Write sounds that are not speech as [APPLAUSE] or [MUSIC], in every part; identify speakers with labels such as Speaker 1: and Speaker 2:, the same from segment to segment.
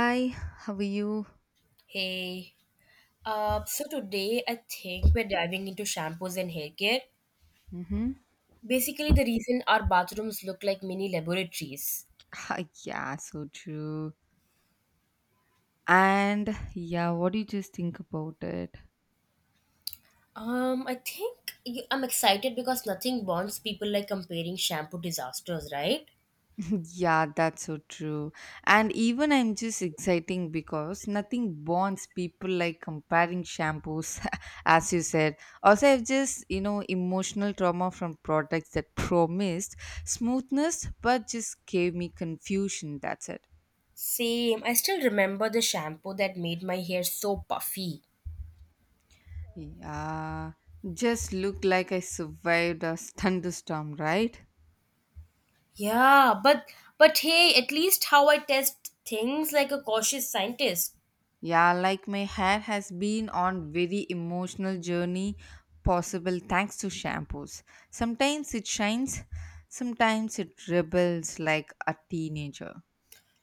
Speaker 1: Hi, how are you?
Speaker 2: Hey, so today I think we're diving into shampoos and haircare.
Speaker 1: Mm-hmm.
Speaker 2: Basically, the reason our bathrooms look like mini laboratories.
Speaker 1: [LAUGHS] Ah, yeah, so true. And yeah, what do you just think about it?
Speaker 2: I think you, I'm excited because nothing bonds people like comparing shampoo disasters, right?
Speaker 1: [LAUGHS] yeah, that's so true. And even I'm just exciting because nothing bonds people like comparing shampoos, [LAUGHS] as you said. Also, I've just, emotional trauma from products that [LAUGHS] promised smoothness but just gave me confusion. That's it.
Speaker 2: Same. I still remember the shampoo that made my hair so puffy.
Speaker 1: Yeah, just look like I survived a [LAUGHS] thunderstorm, right?
Speaker 2: Yeah, but hey, at least how I test things like a cautious scientist.
Speaker 1: Yeah, like my hair has been on very emotional journey possible thanks to shampoos. Sometimes it shines, sometimes it rebels like a teenager.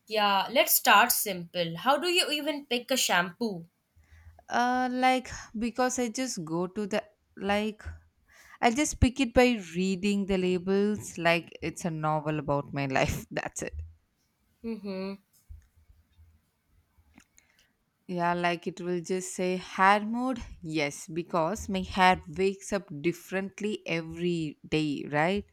Speaker 2: Yeah, let's start simple. How do you even pick a shampoo?
Speaker 1: Uh like because I just go to the like I just pick it by reading the labels like it's a novel about my life. [LAUGHS] That's it.
Speaker 2: Mm-hmm.
Speaker 1: Yeah, like it will just say hair mode. Yes, because my hair wakes up differently every day, right?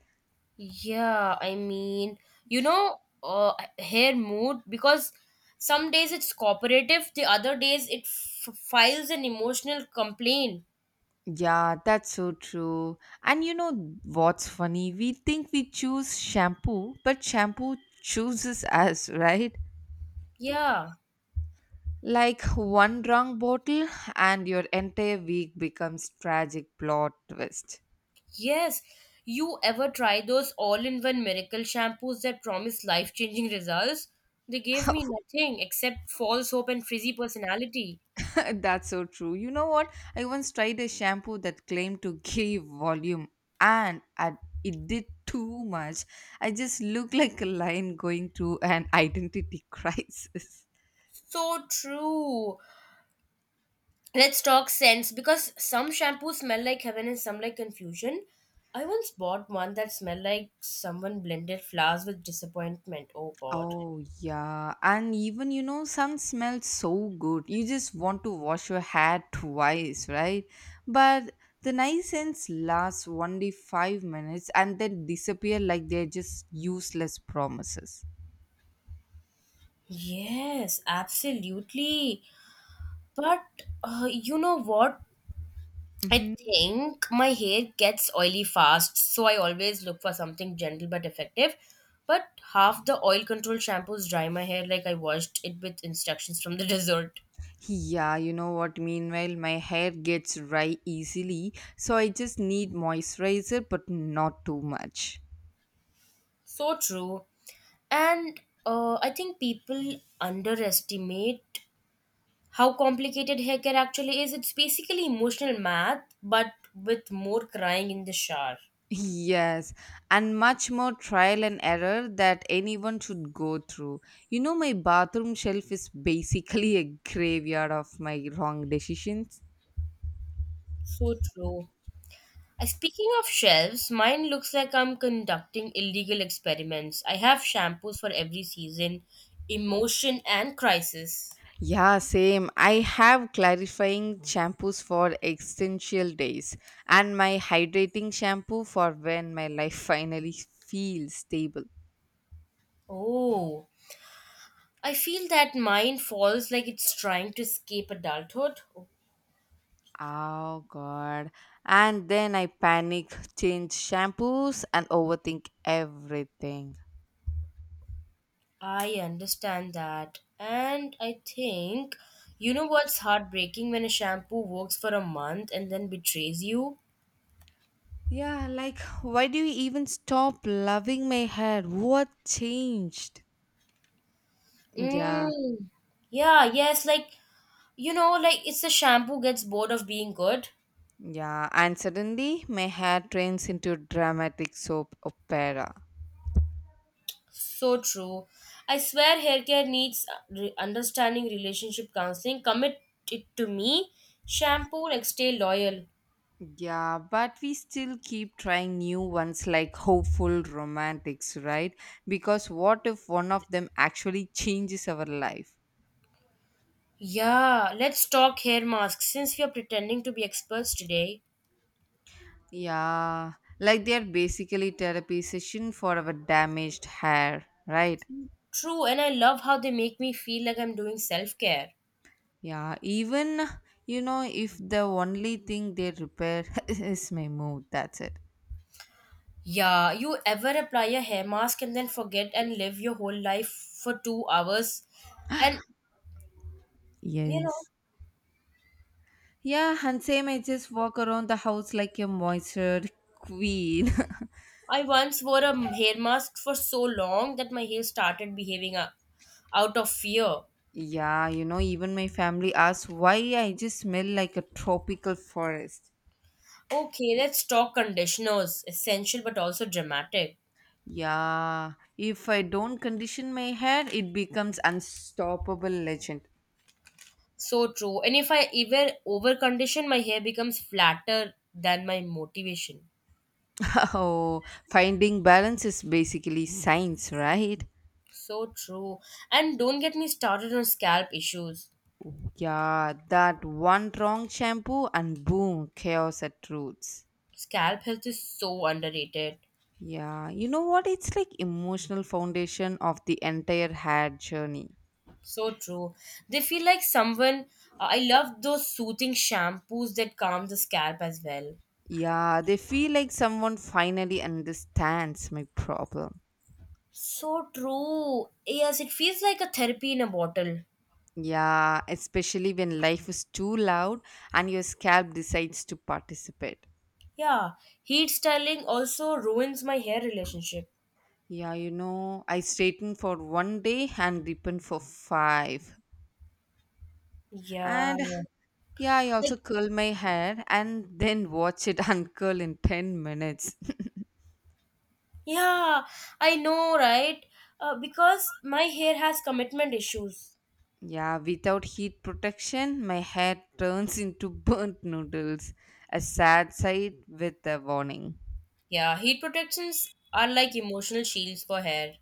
Speaker 2: Yeah, I mean, you know, uh, hair mood because some days it's cooperative, the other days it files an emotional complaint.
Speaker 1: Yeah, that's so true. And you know what's funny? We think we choose shampoo, but shampoo chooses [LAUGHS] us, right?
Speaker 2: Yeah,
Speaker 1: Like one wrong bottle, and your entire week becomes tragic plot twist.
Speaker 2: yes. You ever try those all in one miracle shampoos that promise life changing results? They gave me nothing except false hope and frizzy personality.
Speaker 1: [LAUGHS] that's so true. You know what? I once tried a shampoo that claimed to [LAUGHS] give volume, and it did too much. I just looked like a lion going through an identity [LAUGHS] crisis.
Speaker 2: So true. Let's talk scents because some shampoos smell like heaven and some like confusion. I once bought one that smelled like someone blended flowers with disappointment. Oh god.
Speaker 1: Oh, yeah. And even, you know, some smell so good. You just want to wash your hair twice, right? But the nuisance lasts only 5 minutes and then disappear like they're just useless promises.
Speaker 2: Yes, absolutely. But you know what? I
Speaker 1: Mm-hmm.
Speaker 2: think my hair gets oily fast, so I always look for something gentle but effective. But half the oil control shampoos dry my hair like I washed it with instructions from the [LAUGHS] desert.
Speaker 1: Yeah, you know what? Meanwhile, my hair gets dry easily, so I just need moisturizer, but not too much.
Speaker 2: So true. And I think people underestimate how complicated haircare actually is. It's basically emotional math, but with more crying in the shower.
Speaker 1: Yes, and much more trial and error that anyone should go through. You know, my bathroom shelf is basically a graveyard of my wrong decisions.
Speaker 2: So true. Speaking of shelves, mine looks like I'm conducting illegal experiments. I have shampoos for every season, emotion, and crisis.
Speaker 1: Yeah, same. I have clarifying shampoos for existential days and my hydrating shampoo for when my life finally feels stable.
Speaker 2: Oh, I feel that mine falls like it's trying to escape adulthood.
Speaker 1: Oh god. And then I panic, change shampoos, and overthink everything.
Speaker 2: I understand that. And I think, you know what's heartbreaking when a shampoo works for a month and then betrays you?
Speaker 1: Yeah, like, why do you even stop loving my hair? What changed? Yeah,
Speaker 2: Mm. Yeah, yes, like, you know, like it's the shampoo gets bored of being good.
Speaker 1: yeah. And suddenly my hair turns into dramatic soap opera.
Speaker 2: So true. I swear hair care needs understanding relationship counseling. Commit it to me. Shampoo, like, stay loyal.
Speaker 1: Yeah, but we still keep trying new ones like hopeful romantics, right? Because what if one of them actually changes our life?
Speaker 2: Yeah, let's talk hair masks since we are pretending to be experts today.
Speaker 1: Yeah, like they are basically therapy session for our damaged hair, right?
Speaker 2: True, and I love how they make me feel like I'm doing self care.
Speaker 1: Yeah, even you know, if the only thing they repair [LAUGHS] is my mood, that's it.
Speaker 2: Yeah, you ever apply a hair mask and then forget and live your whole life for 2 hours? And you know,
Speaker 1: Yes. Yeah, and same I just walk around the house like a moisture queen.
Speaker 2: I once wore a hair mask for so long that my hair started behaving out of fear.
Speaker 1: [LAUGHS] yeah, you know, even my family asks why I just smell like a tropical forest.
Speaker 2: Okay, let's talk conditioners. Essential but also dramatic.
Speaker 1: Yeah, if I don't condition my hair, it becomes unstoppable legend.
Speaker 2: So true. And if I ever over condition, my hair becomes flatter than my motivation.
Speaker 1: [LAUGHS] Oh, finding balance is basically science, right?
Speaker 2: So true. And don't get me started on scalp issues.
Speaker 1: Yeah, that one wrong shampoo and boom, chaos at roots.
Speaker 2: Scalp health is so underrated.
Speaker 1: Yeah, you know what? It's like emotional foundation of the entire hair journey.
Speaker 2: So true. They feel like someone. I love those soothing shampoos that calm the scalp as well.
Speaker 1: Yeah, they feel like someone finally understands my problem.
Speaker 2: So true. Yes, it feels like a therapy in a bottle.
Speaker 1: Yeah, especially when life is too loud and your scalp decides to participate.
Speaker 2: Yeah. Heat styling also ruins my hair relationship.
Speaker 1: Yeah, you know, I straighten for one day and deepen for five.
Speaker 2: Yeah.
Speaker 1: And yeah, I also
Speaker 2: Like,
Speaker 1: curl my hair and [LAUGHS] then watch it [LAUGHS] uncurl in 10 minutes. [LAUGHS]
Speaker 2: yeah, I know, right? Because my hair has commitment issues.
Speaker 1: Yeah, without heat protection, my hair turns into [LAUGHS] burnt noodles. A sad sight with a warning.
Speaker 2: Yeah, heat protections are like emotional shields for hair.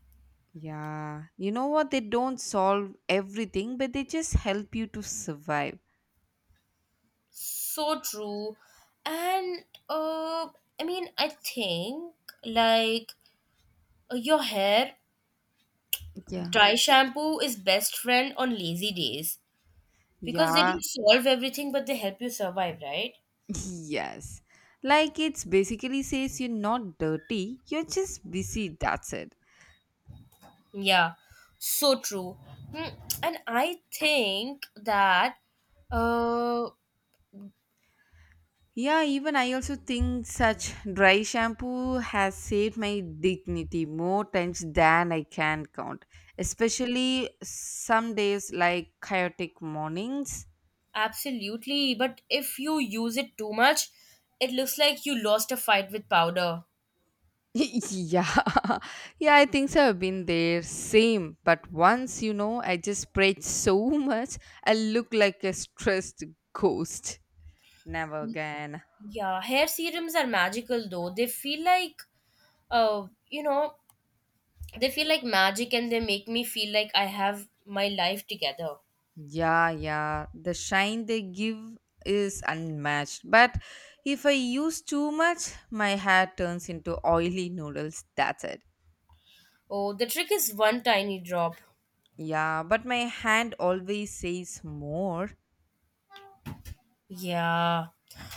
Speaker 1: Yeah, you know what? They don't solve everything, but they just help you to survive.
Speaker 2: So true. And uh I mean I think like your hair
Speaker 1: Yeah.
Speaker 2: dry shampoo is best friend on lazy days because they
Speaker 1: Yeah.
Speaker 2: don't solve everything but they help you survive, right?
Speaker 1: [LAUGHS] Yes. Like it's basically says you're not dirty, you're just busy, that's it.
Speaker 2: Yeah. So true. Hmm, and I think that uh
Speaker 1: Yeah, even I also think such dry shampoo has saved my dignity more times than I can count. Especially some days like chaotic mornings.
Speaker 2: absolutely, but if you use it too much, it looks like you lost a fight with powder.
Speaker 1: [LAUGHS] yeah, [LAUGHS] yeah, I think so. I've been there, same. But once you know, I just prayed so much, I look like a stressed ghost. Never again.
Speaker 2: Yeah, hair serums are magical though. They feel like, you know, they feel like magic and they make me feel like I have my life together.
Speaker 1: Yeah, yeah. The shine they give is unmatched. But if I use too much, my hair turns into oily noodles. That's it.
Speaker 2: Oh, the trick is one tiny drop.
Speaker 1: Yeah, but my hand always says more.
Speaker 2: Yeah.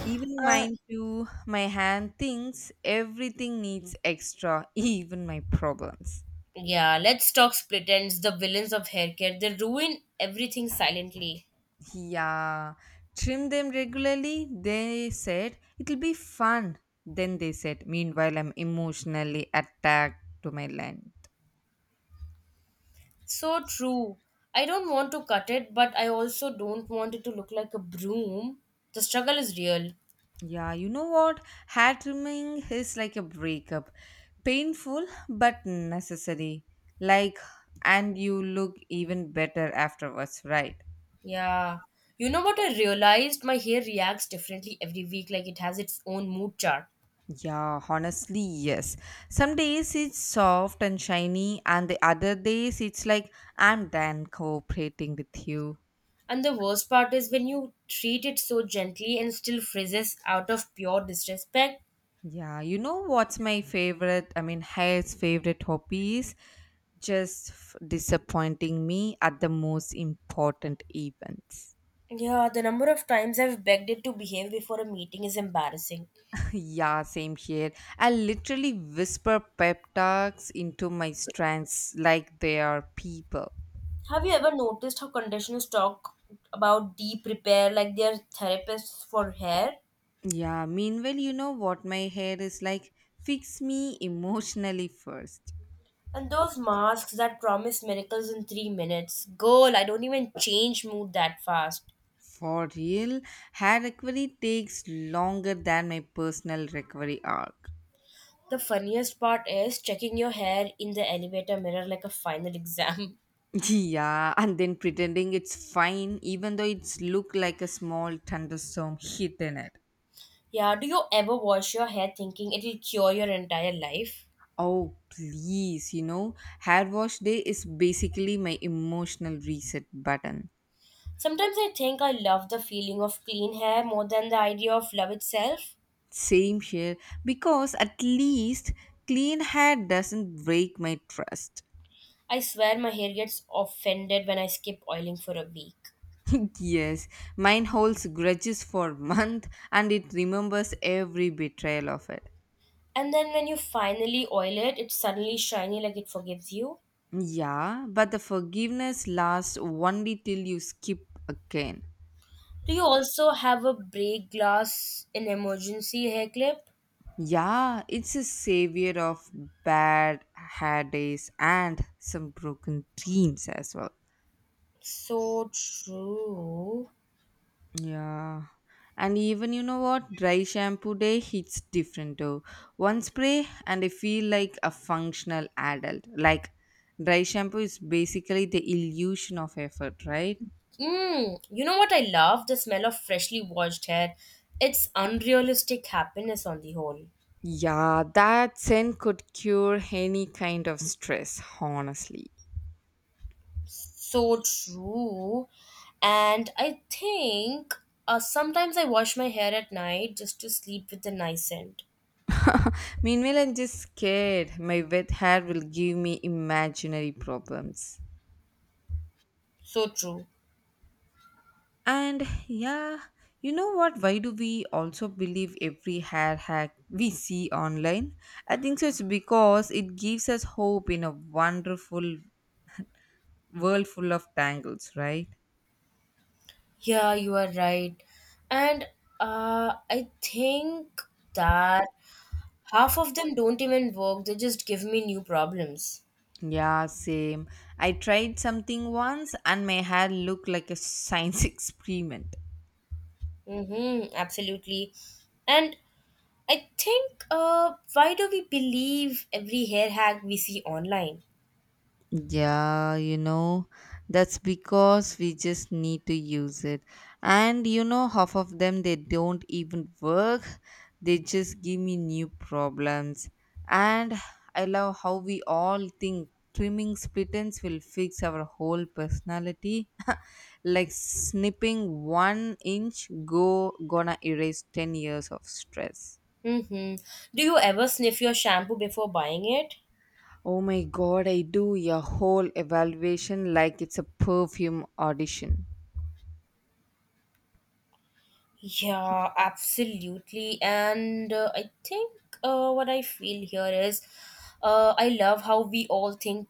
Speaker 1: Even
Speaker 2: Uh,
Speaker 1: mine too. My hand thinks everything needs extra, [LAUGHS] even my problems.
Speaker 2: yeah, let's talk split ends, the villains of hair care. They ruin everything silently.
Speaker 1: Yeah. Trim them regularly, they said. It'll be fun. Then they said, meanwhile, I'm emotionally attacked to my land.
Speaker 2: So true. I don't want to cut it, but I also don't want it to look like a broom. The struggle is real.
Speaker 1: Yeah, you know what? Hat trimming is like a breakup. Painful but necessary. Like, and you look even better afterwards, right?
Speaker 2: Yeah. You know what I realized? My hair reacts differently every week, like it has its own mood chart.
Speaker 1: Yeah, honestly, yes. Some days it's soft and shiny, and the other days it's like, I'm done cooperating with you.
Speaker 2: And the worst part is when you treat it so gently and still frizzes out of pure disrespect.
Speaker 1: Yeah, you know what's my favorite? I mean, hair's favorite hobby is just disappointing me at the most important events.
Speaker 2: Yeah, the number of times I've begged it to behave before a meeting is embarrassing.
Speaker 1: Yeah, same here. I literally whisper pep talks into my strands like they are people.
Speaker 2: Have you ever noticed how conditioners talk about deep repair like they're therapists for hair?
Speaker 1: Yeah, meanwhile, you know what my hair is like? Fix me emotionally first.
Speaker 2: And those masks that promise miracles in 3 minutes. Girl, I don't even change mood that fast.
Speaker 1: For real, hair recovery takes longer than my personal recovery arc.
Speaker 2: The funniest part is checking your hair in the elevator mirror like a final exam.
Speaker 1: [LAUGHS] Yeah, and then pretending it's fine even though it's look like a small thunderstorm hit in it.
Speaker 2: [LAUGHS] yeah, do you ever wash your hair thinking it will cure your entire life?
Speaker 1: Oh, please, you know, hair wash day is basically my emotional reset button.
Speaker 2: Sometimes I think I love the feeling of clean hair more than the idea of love itself.
Speaker 1: Same here, because at least clean hair doesn't break my trust.
Speaker 2: I swear my hair gets offended when I skip oiling for a week.
Speaker 1: [LAUGHS] yes, mine holds grudges for [LAUGHS] month and it remembers every betrayal of it.
Speaker 2: And then when you finally oil it, it's suddenly shiny like it forgives you.
Speaker 1: Yeah, but the forgiveness lasts only till you skip again.
Speaker 2: Do you also have a break glass in emergency hair clip?
Speaker 1: Yeah, it's a savior of bad hair days and some broken dreams as well.
Speaker 2: So true.
Speaker 1: Yeah. And even you know what? Dry shampoo day hits different though. One spray and I feel like a functional adult. Like dry shampoo is basically the illusion of effort, right?
Speaker 2: Mm, you know what I love? The smell of freshly washed hair. It's unrealistic happiness on the whole.
Speaker 1: Yeah, that scent could cure any kind of stress, honestly.
Speaker 2: So true. And I think sometimes I wash my hair at night just to sleep with a nice scent.
Speaker 1: [LAUGHS] Meanwhile, I'm just scared. My wet hair will give me imaginary problems.
Speaker 2: So true.
Speaker 1: And yeah, you know what? Why do we also believe every hair hack we see online? I think so it's because it gives us hope in a wonderful world full of tangles, right?
Speaker 2: Yeah, you are right. And I think that half of them don't even work, they just give me new problems.
Speaker 1: Yeah, same. I tried something once and my hair looked like a science [LAUGHS] experiment.
Speaker 2: Mm-hmm, absolutely. And I think, why do we believe every hair hack we see online?
Speaker 1: Yeah, you know, that's because we just need to use it. And you know, half of them they don't even work. They just give me new problems. And I love how we all think trimming splittens will fix our whole personality. [LAUGHS] like snipping one inch go gonna erase 10 years of stress.
Speaker 2: Mm-hmm. Do you ever sniff your shampoo before buying it?
Speaker 1: Oh my god, I do your whole evaluation like it's a perfume audition.
Speaker 2: Yeah, absolutely. And I think what I feel here is I love how we all think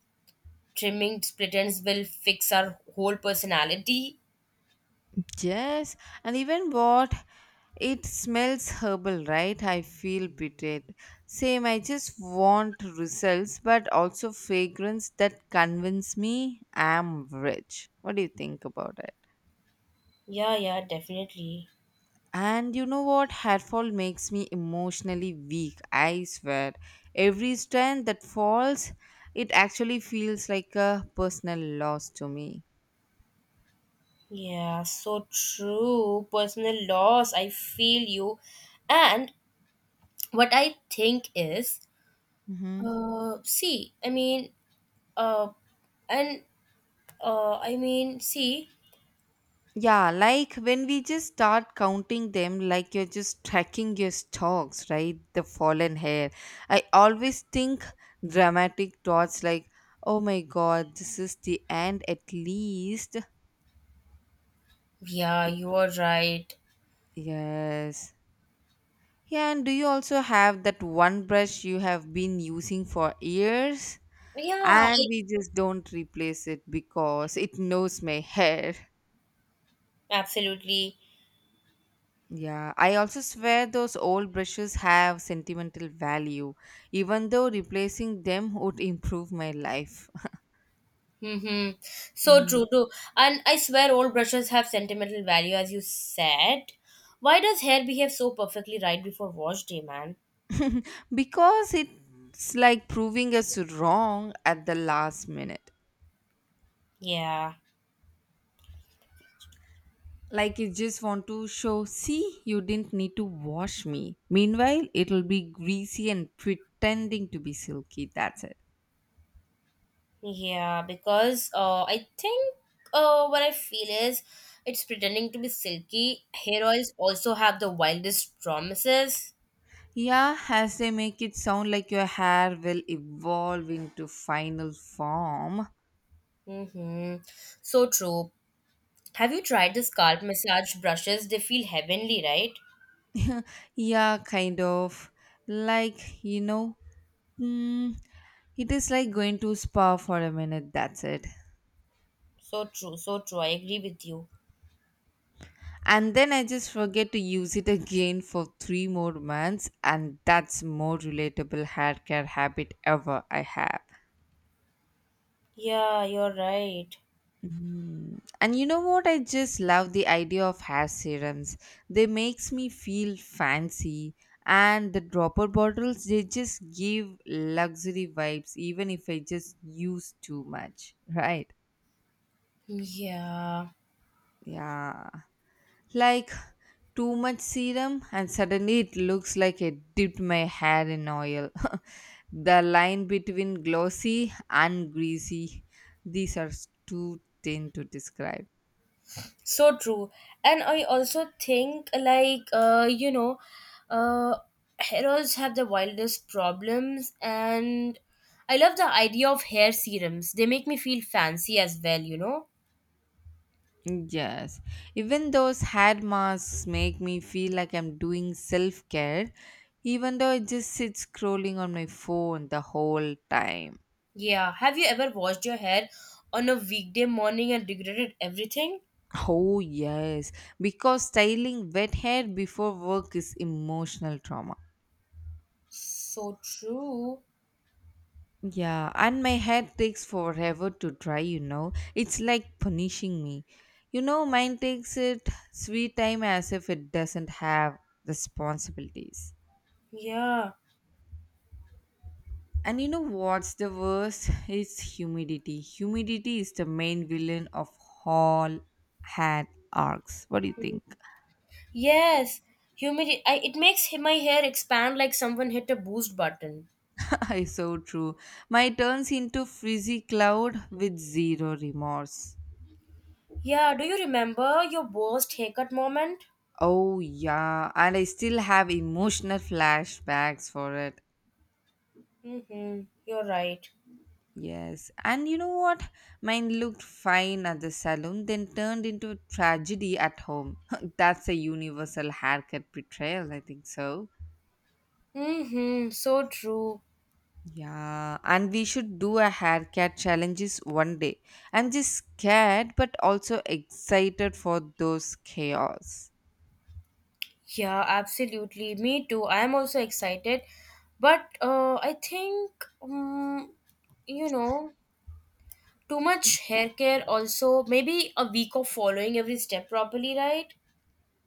Speaker 2: trimming split ends will fix our whole personality.
Speaker 1: Yes, and even what it smells herbal, right? I feel betrayed. Same, I just want results, but also fragrance that convince me I'm rich. What do you think about it?
Speaker 2: Yeah, yeah, definitely.
Speaker 1: And you know what? Hair fall makes me emotionally weak. I swear. Every strand that falls, it actually feels like a personal loss to me.
Speaker 2: Yeah, so true. Personal loss, I feel you. And what I think is
Speaker 1: Mm-hmm.
Speaker 2: See, I mean, uh, and I mean, see,
Speaker 1: Yeah, like when we just start counting them, like you're just tracking your stocks, right? The fallen hair. I always think dramatic thoughts like, oh my god, this is the end at least.
Speaker 2: yeah, you are right.
Speaker 1: Yes. Yeah, and do you also have that one brush you have been using for years?
Speaker 2: Yeah,
Speaker 1: And we just don't replace it because it knows my hair.
Speaker 2: absolutely.
Speaker 1: Yeah, I also swear those old brushes have sentimental value, even though replacing them would improve my life. [LAUGHS]
Speaker 2: Mm-hmm. So
Speaker 1: Mm.
Speaker 2: true, true. And I swear, all brushes have sentimental value, as you said. Why does hair behave so perfectly right before wash day, man?
Speaker 1: Because it's like proving us wrong at the last minute.
Speaker 2: Yeah,
Speaker 1: Like it just want to show, see, you didn't need to wash me. Meanwhile, it'll be greasy and pretending to be silky. That's it.
Speaker 2: yeah, because I think what I feel is it's pretending to be silky. Hair oils also have the wildest promises.
Speaker 1: Yeah, as they make it sound like your hair will evolve into final form.
Speaker 2: Mm-hmm. So true. Have you tried the scalp massage brushes? They feel heavenly, right?
Speaker 1: Yeah, kind of. Like, you know, mm, it is like going to spa for a minute, that's it.
Speaker 2: So true, so true. I agree with you.
Speaker 1: And then I just forget to use it again for three more months, and that's more relatable hair care habit ever I have.
Speaker 2: Yeah, you're right.
Speaker 1: Mm. And you know what? I just love the idea of hair serums. They makes me feel fancy, and the dropper bottles they just give luxury vibes, even if I just use too much. [LAUGHS] Right?
Speaker 2: Yeah,
Speaker 1: Yeah. Like too much serum, and suddenly it looks like I dipped my hair in oil. [LAUGHS] the line between glossy and greasy, these are too thin to describe.
Speaker 2: so true. And I also think like uh heroes have the wildest problems and I love the idea of hair serums. They make me feel fancy as well, you know?
Speaker 1: Yes, even those head masks make me feel like I'm doing self care, even though I just sit scrolling on my phone the whole time.
Speaker 2: Yeah. Have you ever washed your hair on a weekday morning and regretted everything?
Speaker 1: Oh, yes, because styling wet hair before work is emotional trauma.
Speaker 2: So true.
Speaker 1: Yeah, and my hair takes forever to dry, you know. It's like punishing me. You know, mine takes it sweet time as if it doesn't have responsibilities.
Speaker 2: Yeah.
Speaker 1: And you know what's the worst? It's humidity. Humidity is the main villain of all had arcs. What do you think?
Speaker 2: Yes. Humidity. It makes my hair expand like someone hit a boost button.
Speaker 1: [LAUGHS] it's so true. My turns into frizzy cloud with zero remorse.
Speaker 2: Yeah. Do you remember your worst haircut moment?
Speaker 1: Oh yeah, and I still have emotional flashbacks for it.
Speaker 2: Mm-hmm. You're right.
Speaker 1: Yes, and you know what? Mine looked fine at the salon, then turned into a tragedy at home. [LAUGHS] That's a universal haircut betrayal, I think so.
Speaker 2: Mm-hmm. So true.
Speaker 1: Yeah, and we should do a haircut challenges one day. I'm just scared but also excited for those chaos.
Speaker 2: Yeah, absolutely. Me too. I'm also excited. But I think, um, you know, too much hair care also, maybe a week of following every step properly, right?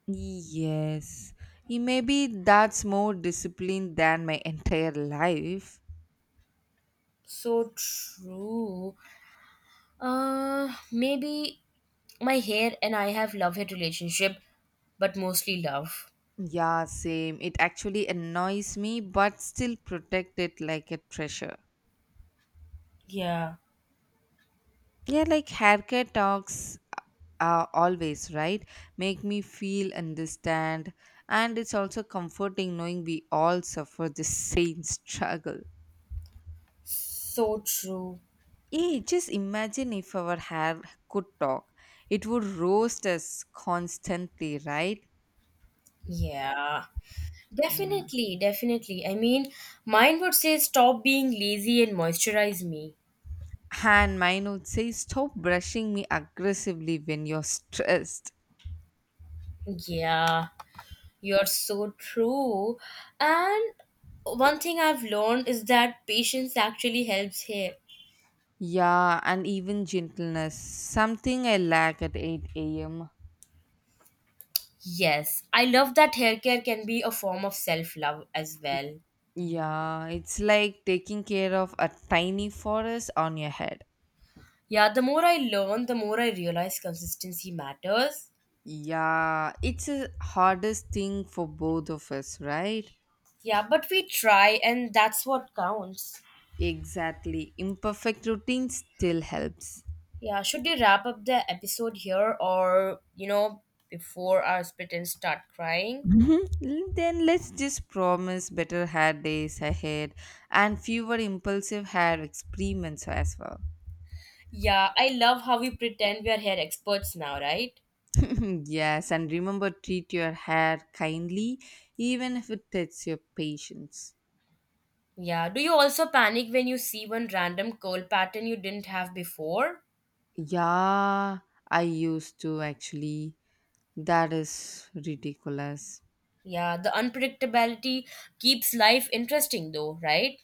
Speaker 1: Yes. Maybe that's more discipline than my entire life.
Speaker 2: So true. Maybe my hair and I have love hate relationship, but mostly love.
Speaker 1: Yeah, same. It actually annoys me but still protect it like a treasure.
Speaker 2: Yeah,
Speaker 1: Yeah, like haircare talks always, right? Make me feel understand. And it's also comforting knowing we all suffer the same struggle.
Speaker 2: so true.
Speaker 1: Yeah, just imagine if our hair could talk. It would roast us constantly, right?
Speaker 2: Yeah,
Speaker 1: Yeah.
Speaker 2: definitely. I mean, mine would say stop being lazy and moisturize me.
Speaker 1: And mine would say, stop brushing me aggressively when you're stressed.
Speaker 2: Yeah, you're so true. And one thing I've learned is that patience actually helps hair.
Speaker 1: Yeah, and even gentleness, something I lack at 8 a.m.
Speaker 2: Yes, I love that hair care can be a form of self love as well.
Speaker 1: Yeah, it's like taking care of a tiny forest on your head.
Speaker 2: Yeah, the more I learn, the more I realize consistency matters.
Speaker 1: Yeah, it's the hardest thing for both of us, right?
Speaker 2: Yeah, but we try and that's what counts.
Speaker 1: Exactly. Imperfect routine still helps.
Speaker 2: Yeah, should we wrap up the episode here or, you know, before our pretend start crying?
Speaker 1: Mhm. Then let's just promise better hair days ahead and fewer impulsive hair experiments as well.
Speaker 2: Yeah, I love how we pretend we are hair experts now, right?
Speaker 1: [LAUGHS] Yes, and remember, treat your hair kindly even if it takes your patience.
Speaker 2: Yeah, do you also panic when you see one random curl pattern you didn't have before?
Speaker 1: Yeah, I used to actually. That is ridiculous.
Speaker 2: Yeah, the unpredictability keeps life interesting though, right?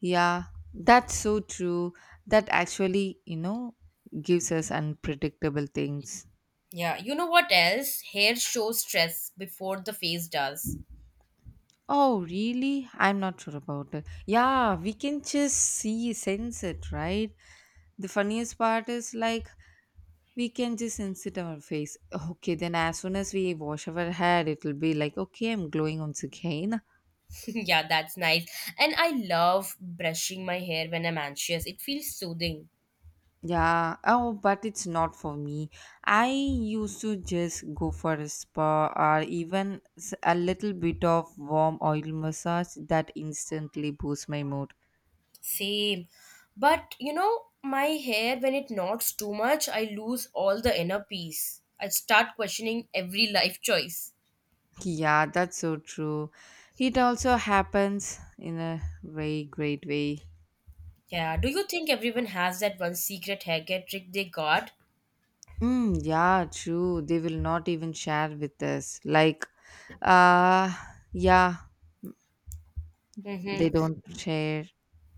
Speaker 1: Yeah, that's so true. That actually, gives us unpredictable things.
Speaker 2: Yeah, you know what else? Hair shows stress before the face does.
Speaker 1: Oh, really? I'm not sure about it. Yeah, we can just see, sense it, right? The funniest part is like we can just sense it on our face. Okay, then as soon as we wash our hair, it'll be like, okay, I'm glowing once again. [LAUGHS]
Speaker 2: [LAUGHS] yeah, that's nice. And I love brushing my hair when I'm anxious. It feels soothing.
Speaker 1: Yeah, oh, but it's not for me. I used to just go for a spa or even a little bit of warm oil massage that instantly boosts my mood.
Speaker 2: Same. But you know, my hair when it knots too much, I lose all the inner peace. I start questioning every life choice.
Speaker 1: Yeah, that's so true. It also happens in a very great way.
Speaker 2: Yeah, do you think everyone has that one secret hair care trick they got?
Speaker 1: Mm, yeah, true. They will not even share with us. Like, uh, yeah,
Speaker 2: Mm-hmm.
Speaker 1: they don't share.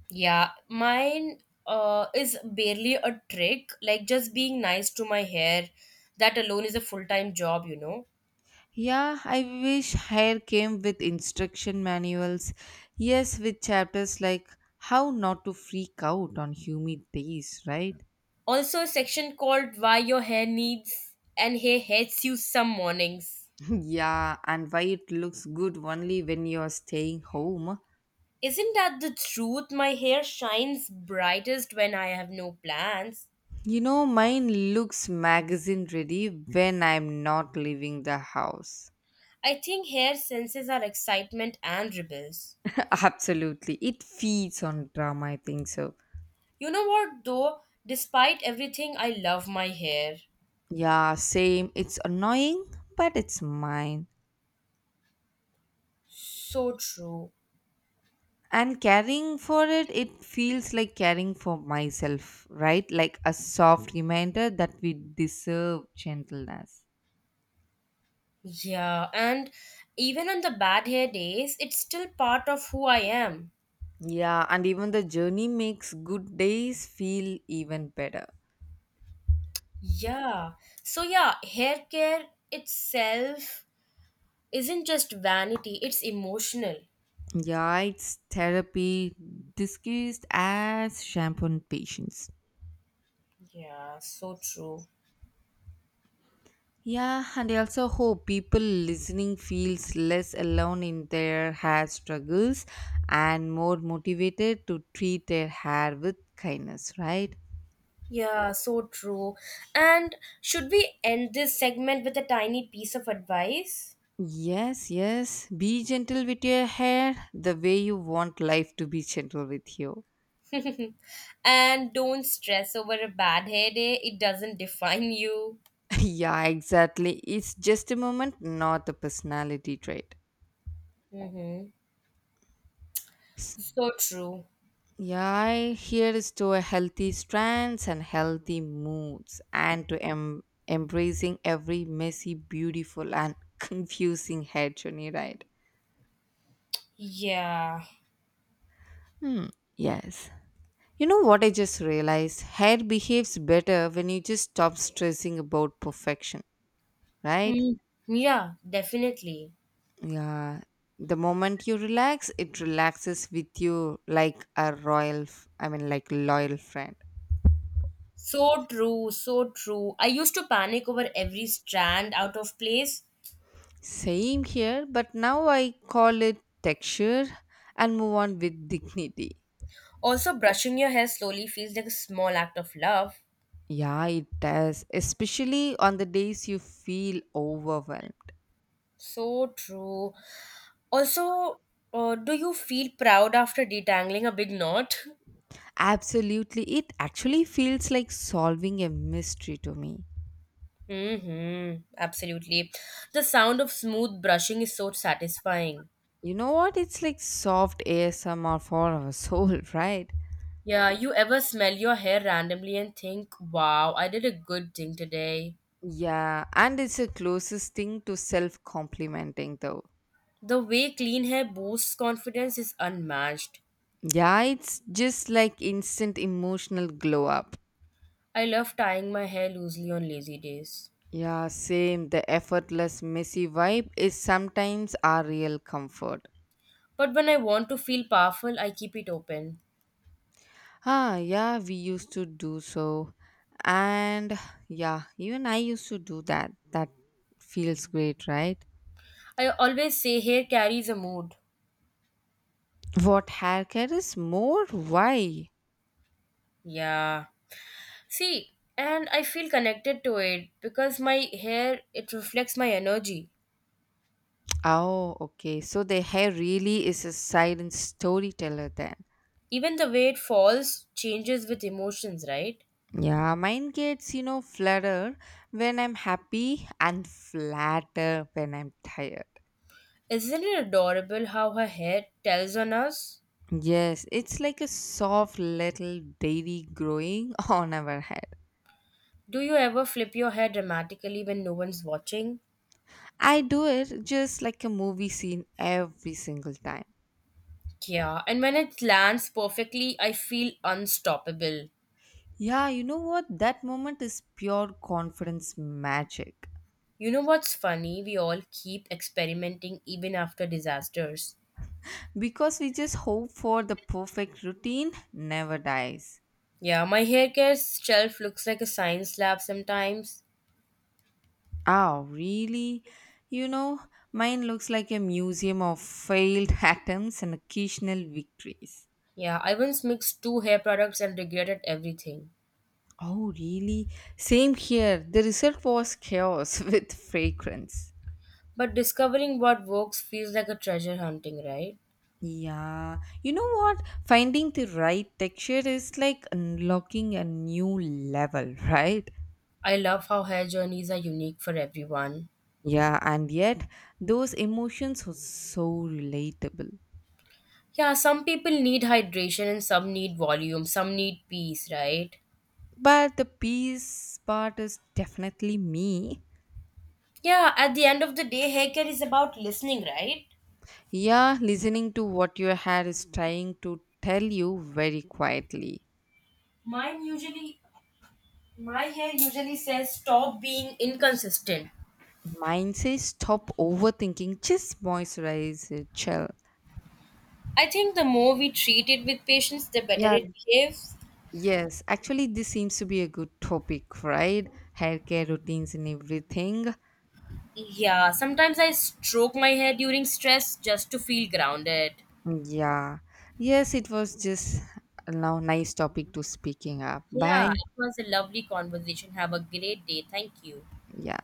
Speaker 2: Yeah, mine is barely a trick, like just being nice to my hair. That alone is a full-time job, you know.
Speaker 1: Yeah, I wish hair came with instruction manuals. Yes, with chapters like how not to freak out on humid days, right?
Speaker 2: Also, a section called Why Your Hair Needs and Hair Hates You Some Mornings.
Speaker 1: [LAUGHS] Yeah, and why it looks good only when you're staying home.
Speaker 2: Isn't that the truth? My hair shines brightest when I have no plans.
Speaker 1: You know, mine looks magazine ready when I'm not leaving the house.
Speaker 2: I think hair senses are excitement and rebels.
Speaker 1: [LAUGHS] Absolutely. It feeds on drama, I think so.
Speaker 2: You know what, though? Despite everything, I love my hair.
Speaker 1: Yeah, same. It's annoying, but it's mine.
Speaker 2: So true.
Speaker 1: And caring for it, it feels like caring for myself, right? Like a soft reminder that we deserve gentleness.
Speaker 2: Yeah, and even on the bad hair days, it's still part of who I am.
Speaker 1: Yeah, and even the journey makes good days feel even better.
Speaker 2: Yeah. So yeah, hair care itself isn't just vanity, it's emotional.
Speaker 1: Yeah, it's therapy disguised as shampoo and patience.
Speaker 2: Yeah, so true.
Speaker 1: Yeah, and I also hope people listening feels less alone in their hair struggles and more motivated to treat their hair with kindness, right?
Speaker 2: Yeah, so true. And should we end this segment with a tiny piece of advice?
Speaker 1: Yes, yes. Be gentle with your hair the way you want life to be gentle with you.
Speaker 2: [LAUGHS] and don't stress over a bad hair day, it doesn't define you.
Speaker 1: [LAUGHS] Yeah, exactly. It's just a moment, not a personality trait.
Speaker 2: Mm-hmm.
Speaker 1: S-
Speaker 2: So true.
Speaker 1: Yeah, here is to a healthy strands and healthy moods and to embracing every messy, beautiful and [LAUGHS] confusing hair journey, right?
Speaker 2: Yeah.
Speaker 1: Hmm, yes. You know what I just realized? Hair behaves better when you just stop stressing about perfection, right?
Speaker 2: Mm, yeah, definitely.
Speaker 1: Yeah, the moment you relax, it relaxes with you like a royal, f- I mean, like loyal friend.
Speaker 2: So true, so true. I used to panic over every strand out of place.
Speaker 1: Same here, but now I call it texture and move on with dignity.
Speaker 2: Also, brushing your hair slowly feels like a small act of love.
Speaker 1: Yeah, it does, especially on the days you feel overwhelmed.
Speaker 2: So true. Also, do you feel proud after detangling a big knot? [LAUGHS]
Speaker 1: Absolutely, it actually feels like solving a mystery to me.
Speaker 2: Mm-hmm, absolutely. The sound of smooth brushing is so satisfying.
Speaker 1: You know what? It's like soft ASMR for our [LAUGHS] soul, right?
Speaker 2: Yeah, you ever smell your hair randomly and think, wow, I did a good thing today?
Speaker 1: Yeah, and it's the closest thing to self complimenting, though.
Speaker 2: The way clean hair boosts confidence is unmatched.
Speaker 1: Yeah, it's just like instant emotional glow up.
Speaker 2: I love tying my hair loosely on lazy days.
Speaker 1: Yeah, same. The effortless, messy vibe is sometimes our real comfort.
Speaker 2: But when I want to feel powerful, I keep it open.
Speaker 1: Ah, yeah, we used to do so. And yeah, even I used to do that. That feels great, right?
Speaker 2: I always say hair carries a mood.
Speaker 1: What hair care is more? Why?
Speaker 2: Yeah. See, and I feel connected to it because my hair it reflects my energy.
Speaker 1: Oh, okay. So the hair really is a silent storyteller then.
Speaker 2: Even the way it falls changes with emotions, right?
Speaker 1: Yeah, mine gets, you know, flatter when I'm happy and flatter when I'm tired.
Speaker 2: Isn't it adorable how her hair tells on us?
Speaker 1: Yes, it's like a soft little dairy growing [LAUGHS] on our head.
Speaker 2: Do you ever flip your hair dramatically when no one's watching?
Speaker 1: I do it just like a movie scene every single time.
Speaker 2: Yeah, and when it lands perfectly, I feel unstoppable.
Speaker 1: Yeah, you know what? That moment is pure confidence magic
Speaker 2: You know what's funny? We all keep experimenting even after disasters.
Speaker 1: because we just hope for the perfect routine never dies.
Speaker 2: Yeah, my hair care shelf looks like a science lab sometimes.
Speaker 1: Oh, really? You know, mine looks like a museum of failed [LAUGHS] attempts and occasional victories.
Speaker 2: Yeah, I once mixed two hair products and regretted everything.
Speaker 1: Oh, really? Same here. The result was chaos [LAUGHS] with fragrance.
Speaker 2: But discovering what works feels like a treasure hunting, right?
Speaker 1: Yeah. You know what? Finding the right texture is like unlocking a new level, [LAUGHS] right?
Speaker 2: I love how hair journeys are unique for everyone.
Speaker 1: Yeah, and yet those emotions were so relatable.
Speaker 2: Yeah, some people need hydration and some need volume, some need peace, right?
Speaker 1: But the peace part is definitely me.
Speaker 2: Yeah, at the end of the day, haircare is about listening, right?
Speaker 1: Yeah, listening to what your hair is trying to tell you very quietly.
Speaker 2: Mine usually, my hair usually says stop being inconsistent.
Speaker 1: Mine says stop overthinking, just moisturize it, chill.
Speaker 2: I think the more we treat it with patience, the better
Speaker 1: Yeah,
Speaker 2: it behaves.
Speaker 1: yes. Actually, this seems to be a good topic, right? Hair care routines and everything.
Speaker 2: Yeah, sometimes I stroke my hair during stress just to feel grounded.
Speaker 1: Yeah. Yes, it was just now nice topic to speaking up.
Speaker 2: Yeah,
Speaker 1: Bye.
Speaker 2: it was a lovely conversation. Have a great day. Thank you.
Speaker 1: Yeah.